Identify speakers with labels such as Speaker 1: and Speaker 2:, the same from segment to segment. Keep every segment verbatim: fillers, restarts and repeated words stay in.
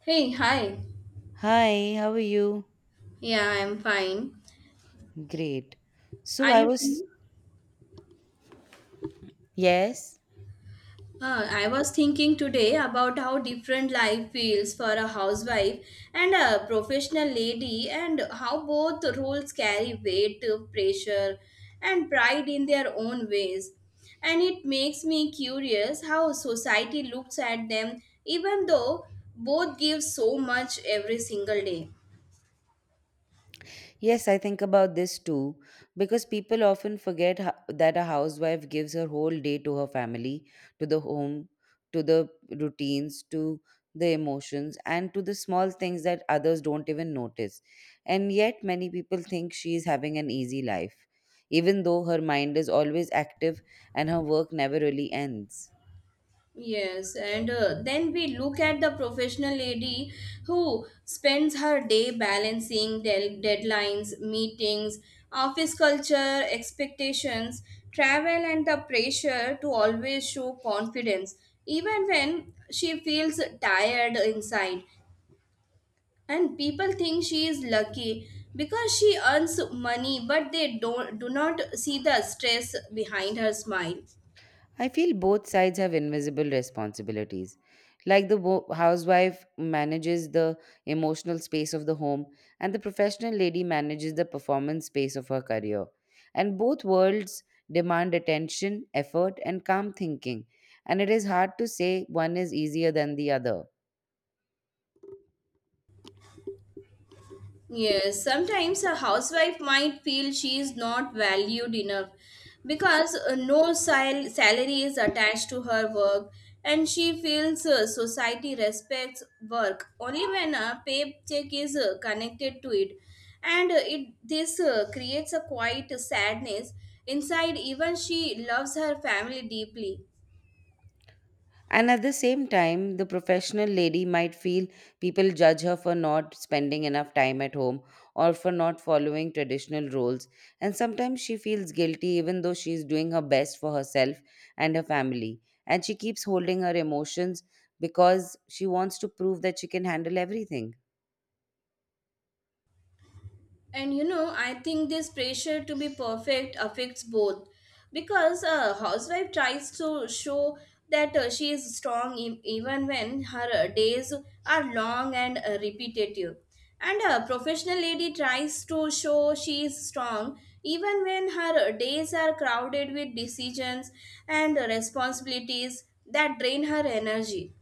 Speaker 1: Hey, hi.
Speaker 2: Hi, how are you?
Speaker 1: Yeah, I'm fine.
Speaker 2: Great. So
Speaker 1: Are
Speaker 2: I
Speaker 1: you
Speaker 2: was...
Speaker 1: free?
Speaker 2: Yes.
Speaker 1: Uh, I was thinking today about how different life feels for a housewife and a professional lady, and how both roles carry weight, uh, pressure, and pride in their own ways. And it makes me curious how society looks at them, even though both give so much every single day.
Speaker 2: Yes, I think about this too, because people often forget ho- that a housewife gives her whole day to her family, to the home, to the routines, to the emotions, and to the small things that others don't even notice. And yet, many people think she is having an easy life, even though her mind is always active and her work never really ends.
Speaker 1: Yes, and uh, then we look at the professional lady who spends her day balancing del- deadlines, meetings, office culture, expectations, travel, and the pressure to always show confidence, even when she feels tired inside. And people think she is lucky because she earns money, but they don't do not see the stress behind her smile.
Speaker 2: I feel both sides have invisible responsibilities. Like the wo- housewife manages the emotional space of the home, and the professional lady manages the performance space of her career. And both worlds demand attention, effort, and calm thinking. And it is hard to say one is easier than the other.
Speaker 1: Yes, sometimes a housewife might feel she is not valued enough because uh, no sal- salary is attached to her work and she feels uh, society respects work only when a paycheck is uh, connected to it and uh, it this uh, creates a quiet sadness inside even she loves her family deeply.
Speaker 2: And at the same time, the professional lady might feel people judge her for not spending enough time at home or for not following traditional roles. And sometimes she feels guilty even though she's doing her best for herself and her family. And she keeps holding her emotions because she wants to prove that she can handle everything.
Speaker 1: And you know, I think this pressure to be perfect affects both because a housewife tries to show that uh, she is strong e- even when her uh, days are long and uh, repetitive. And a professional lady tries to show she is strong even when her uh, days are crowded with decisions and uh, responsibilities that drain her energy.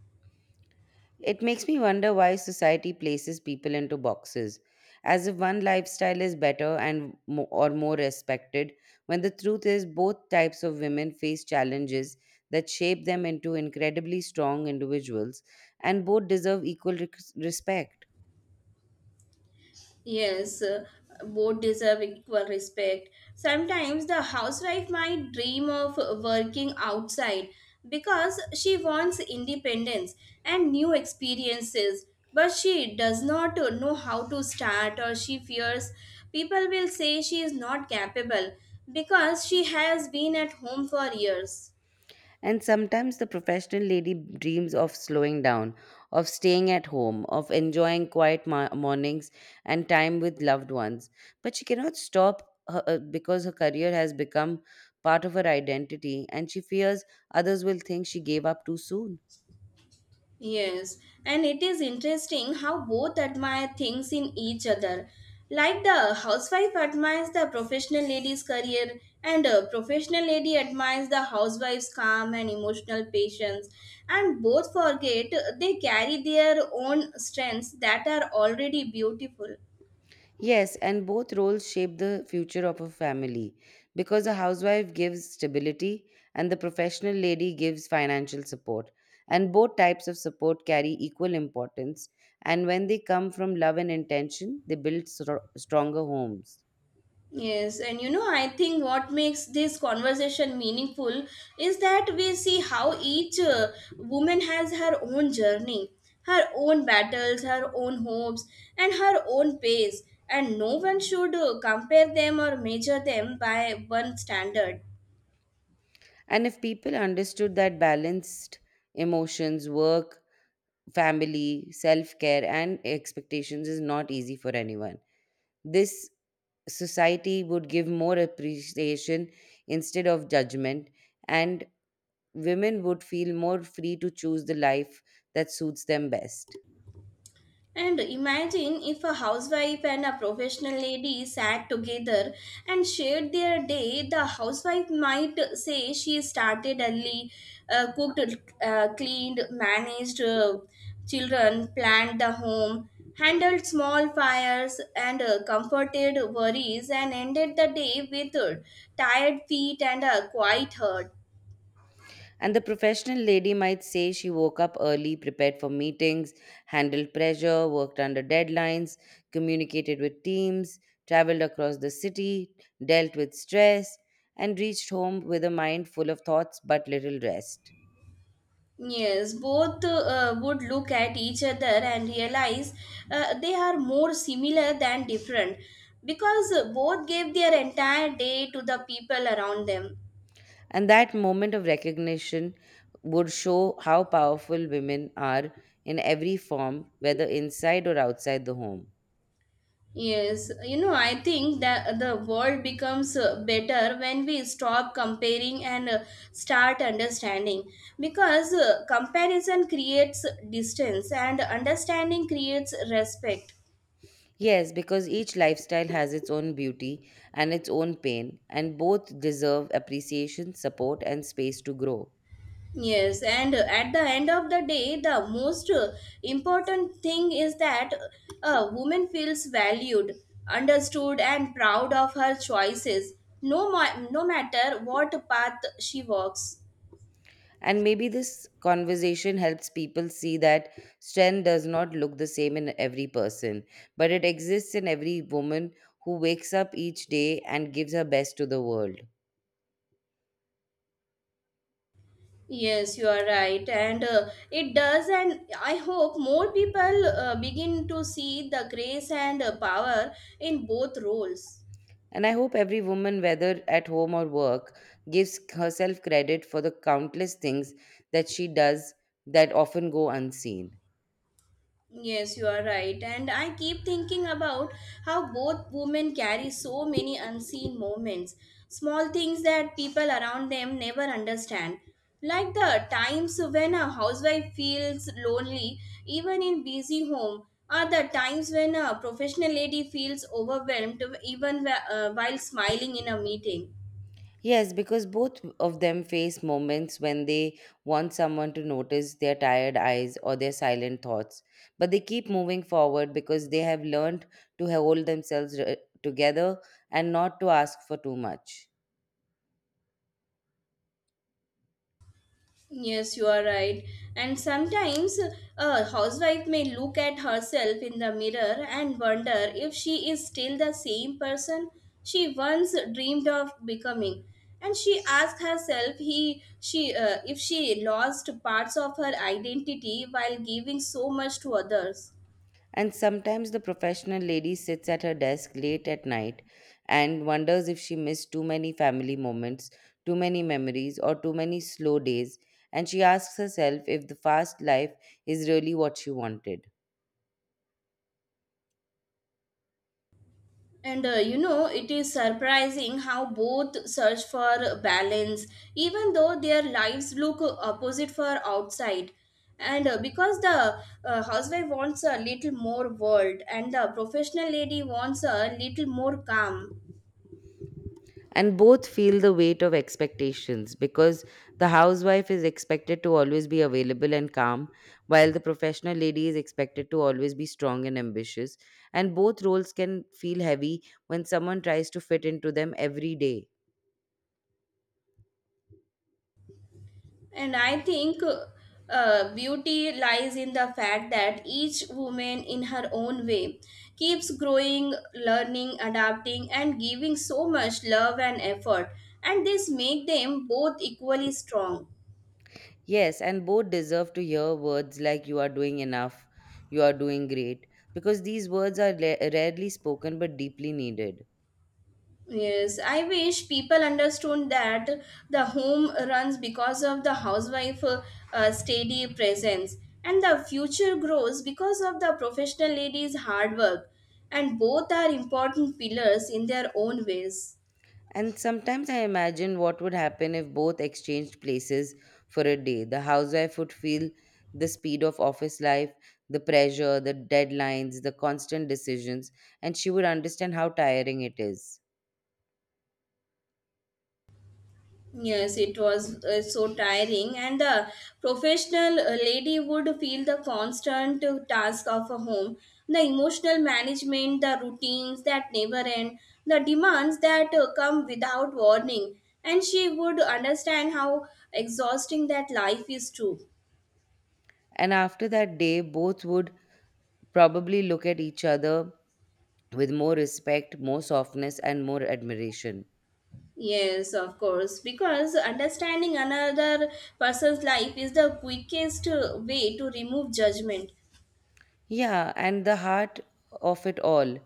Speaker 2: It makes me wonder why society places people into boxes, as if one lifestyle is better and mo- or more respected, when the truth is both types of women face challenges that shape them into incredibly strong individuals and both deserve equal rec- respect.
Speaker 1: Yes, uh, both deserve equal respect. Sometimes the housewife might dream of working outside because she wants independence and new experiences, but she does not know how to start or she fears people will say she is not capable because she has been at home for years.
Speaker 2: And sometimes the professional lady dreams of slowing down, of staying at home, of enjoying quiet mo- mornings and time with loved ones. But she cannot stop her, uh, because her career has become part of her identity and she fears others will think she gave up too soon.
Speaker 1: Yes, and it is interesting how both admire things in each other. Like the housewife admires the professional lady's career, and a professional lady admires the housewife's calm and emotional patience. And both forget they carry their own strengths that are already beautiful.
Speaker 2: Yes, and both roles shape the future of a family because a housewife gives stability and the professional lady gives financial support. And both types of support carry equal importance. And when they come from love and intention, they build stro- stronger homes.
Speaker 1: Yes, and you know, I think what makes this conversation meaningful is that we see how each uh, woman has her own journey, her own battles, her own hopes, and her own pace, and no one should uh, compare them or measure them by one standard.
Speaker 2: And if people understood that balanced emotions, work, family, self care, and expectations is not easy for anyone, this society would give more appreciation instead of judgment, and women would feel more free to choose the life that suits them best.
Speaker 1: And imagine if a housewife and a professional lady sat together and shared their day, the housewife might say she started early, uh, cooked, uh, cleaned, managed uh, children, planned the home, handled small fires, and uh, comforted worries, and ended the day with uh, tired feet and a quiet heart.
Speaker 2: And the professional lady might say she woke up early, prepared for meetings, handled pressure, worked under deadlines, communicated with teams, traveled across the city, dealt with stress, and reached home with a mind full of thoughts but little rest.
Speaker 1: Yes, both uh, would look at each other and realize uh, they are more similar than different because uh, both gave their entire day to the people around them.
Speaker 2: And that moment of recognition would show how powerful women are in every form, whether inside or outside the home.
Speaker 1: Yes, you know, I think that the world becomes uh, better when we stop comparing and uh, start understanding because uh, comparison creates distance and understanding creates respect.
Speaker 2: Yes, because each lifestyle has its own beauty and its own pain, and both deserve appreciation, support, and space to grow.
Speaker 1: Yes, and at the end of the day, the most uh, important thing is that a woman feels valued, understood, and proud of her choices, no, ma- no matter what path she walks.
Speaker 2: And maybe this conversation helps people see that strength does not look the same in every person, but it exists in every woman who wakes up each day and gives her best to the world.
Speaker 1: Yes, you are right, and uh, it does. And I hope more people uh, begin to see the grace and uh, power in both roles.
Speaker 2: And I hope every woman, whether at home or work, gives herself credit for the countless things that she does that often go unseen.
Speaker 1: Yes, you are right. And I keep thinking about how both women carry so many unseen moments, small things that people around them never understand. Like the times when a housewife feels lonely, even in busy home, or the times when a professional lady feels overwhelmed, even wh- uh, while smiling in a meeting.
Speaker 2: Yes, because both of them face moments when they want someone to notice their tired eyes or their silent thoughts. But they keep moving forward because they have learned to hold themselves uh, together and not to ask for too much.
Speaker 1: Yes, you are right. And sometimes a housewife may look at herself in the mirror and wonder if she is still the same person she once dreamed of becoming. And she asks herself he, she, uh, if she lost parts of her identity while giving so much to others.
Speaker 2: And sometimes the professional lady sits at her desk late at night and wonders if she missed too many family moments, too many memories, or too many slow days. And she asks herself if the fast life is really what she wanted.
Speaker 1: And uh, you know, it is surprising how both search for balance, even though their lives look opposite for outside. And uh, because the uh, housewife wants a little more world, and the professional lady wants a little more calm,
Speaker 2: And both feel the weight of expectations because the housewife is expected to always be available and calm, while the professional lady is expected to always be strong and ambitious. And both roles can feel heavy when someone tries to fit into them every day.
Speaker 1: And I think uh, beauty lies in the fact that each woman, in her own way, keeps growing, learning, adapting, and giving so much love and effort. And this make them both equally strong.
Speaker 2: Yes, and both deserve to hear words like you are doing enough, you are doing great, because these words are la- rarely spoken but deeply needed.
Speaker 1: Yes, I wish people understood that the home runs because of the housewife uh, uh, steady presence and the future grows because of the professional lady's hard work and both are important pillars in their own ways.
Speaker 2: And sometimes I imagine what would happen if both exchanged places for a day. The housewife would feel the speed of office life, the pressure, the deadlines, the constant decisions, and she would understand how tiring it is.
Speaker 1: Yes, it was uh, so tiring, and the professional uh, lady would feel the constant uh, task of a home, the emotional management, the routines that never end, the demands that uh, come without warning, and she would understand how exhausting that life is too.
Speaker 2: And after that day, both would probably look at each other with more respect, more softness, and more admiration.
Speaker 1: Yes, of course, because understanding another person's life is the quickest uh, way to remove judgment.
Speaker 2: Yeah, and the heart of it all.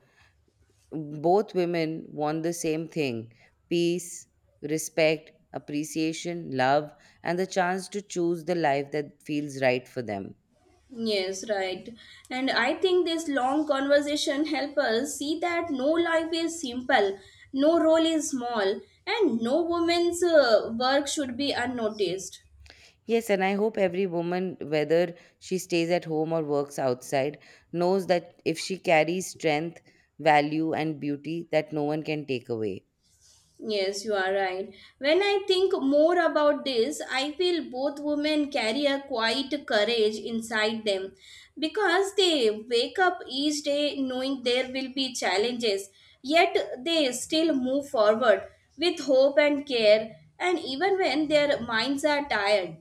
Speaker 2: Both women want the same thing: peace, respect, appreciation, love, and the chance to choose the life that feels right for them.
Speaker 1: Yes, right. And I think this long conversation help us see that no life is simple, no role is small, and no woman's uh, work should be unnoticed.
Speaker 2: Yes, and I hope every woman, whether she stays at home or works outside, knows that if she carries strength, value, and beauty, that no one can take away.
Speaker 1: Yes, you are right. When I think more about this, I feel both women carry a quiet courage inside them because they wake up each day knowing there will be challenges, yet they still move forward with hope and care, and even when their minds are tired.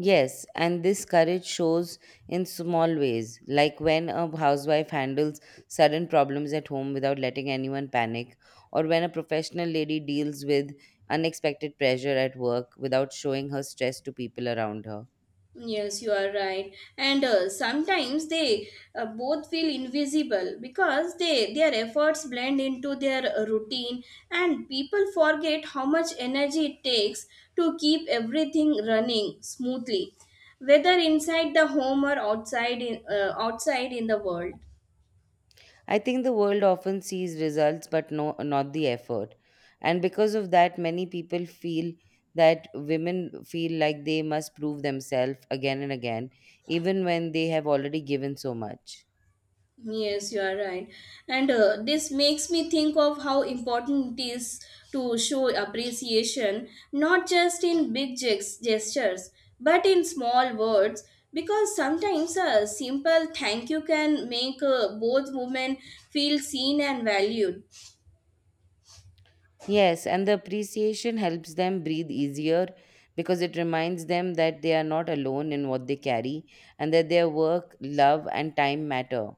Speaker 2: Yes, and this courage shows in small ways, like when a housewife handles sudden problems at home without letting anyone panic, or when a professional lady deals with unexpected pressure at work without showing her stress to people around her.
Speaker 1: Yes, you are right. And uh, sometimes they uh, both feel invisible because they their efforts blend into their uh, routine and people forget how much energy it takes to keep everything running smoothly, whether inside the home or outside in, uh, outside in the world.
Speaker 2: I think the world often sees results but no not the effort. And because of that many people feel that women feel like they must prove themselves again and again even when they have already given so much.
Speaker 1: Yes, you are right. And uh, this makes me think of how important it is to show appreciation, not just in big ges- gestures, but in small words, because sometimes a simple thank you can make uh, both women feel seen and valued.
Speaker 2: Yes, and the appreciation helps them breathe easier because it reminds them that they are not alone in what they carry and that their work, love, and time matter.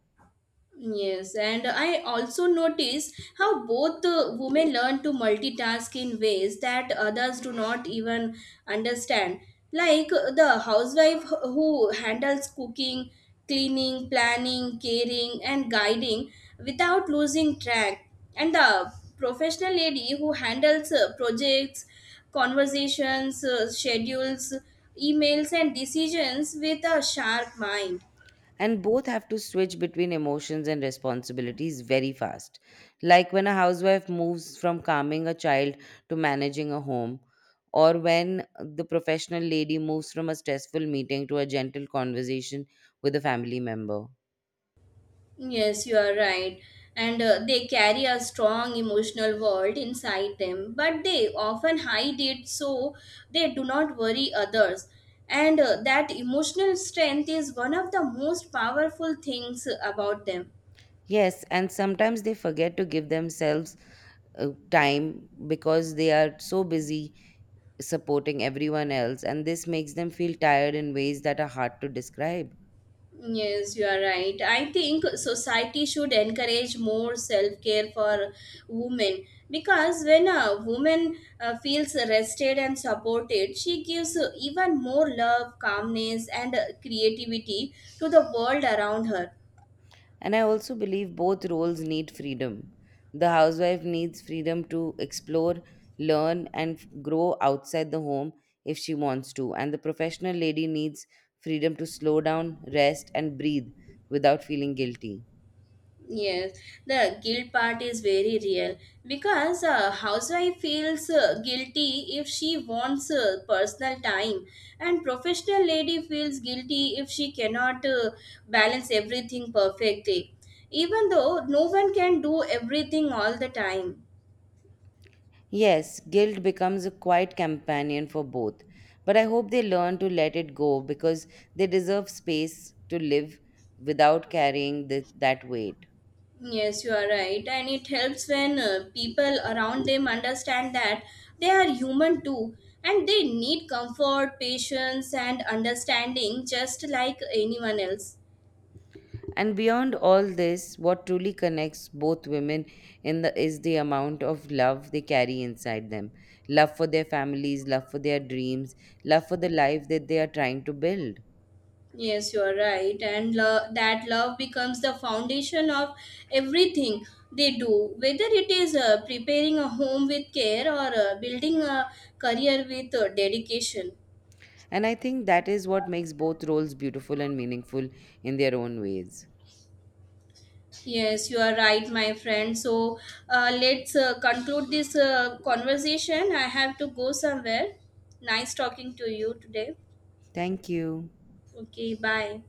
Speaker 1: Yes, and I also notice how both uh, women learn to multitask in ways that others do not even understand. Like uh, the housewife who handles cooking, cleaning, planning, caring, and guiding without losing track, and the professional lady who handles uh, projects, conversations, uh, schedules, emails, and decisions with a sharp mind.
Speaker 2: And both have to switch between emotions and responsibilities very fast. Like when a housewife moves from calming a child to managing a home, or when the professional lady moves from a stressful meeting to a gentle conversation with a family member.
Speaker 1: Yes, you are right. And uh, they carry a strong emotional world inside them, but they often hide it so they do not worry others. And uh, that emotional strength is one of the most powerful things about them.
Speaker 2: Yes, and sometimes they forget to give themselves uh, time because they are so busy supporting everyone else, and this makes them feel tired in ways that are hard to describe.
Speaker 1: Yes, you are right. I think society should encourage more self care for women because when a woman uh, feels rested and supported, she gives even more love, calmness, and uh, creativity to the world around her.
Speaker 2: And I also believe both roles need freedom. The housewife needs freedom to explore, learn, and f- grow outside the home if she wants to, and the professional lady needs freedom to slow down, rest, and breathe without feeling guilty.
Speaker 1: Yes, the guilt part is very real because a housewife feels uh, guilty if she wants uh, personal time, and professional lady feels guilty if she cannot uh, balance everything perfectly, even though no one can do everything all the time.
Speaker 2: Yes, guilt becomes a quiet companion for both, but I hope they learn to let it go because they deserve space to live without carrying th- that weight.
Speaker 1: Yes, you are right. And it helps when uh, people around them understand that they are human too and they need comfort, patience, and understanding just like anyone else.
Speaker 2: And beyond all this, what truly connects both women in the is the amount of love they carry inside them. Love for their families, love for their dreams, love for the life that they are trying to build.
Speaker 1: Yes, you are right. And lo- that love becomes the foundation of everything they do, whether it is uh, preparing a home with care or uh, building a career with uh, dedication.
Speaker 2: And I think that is what makes both roles beautiful and meaningful in their own ways.
Speaker 1: Yes, you are right, my friend. So uh, let's uh, conclude this uh, conversation. I have to go somewhere. Nice talking to you today.
Speaker 2: Thank you.
Speaker 1: Okay, bye.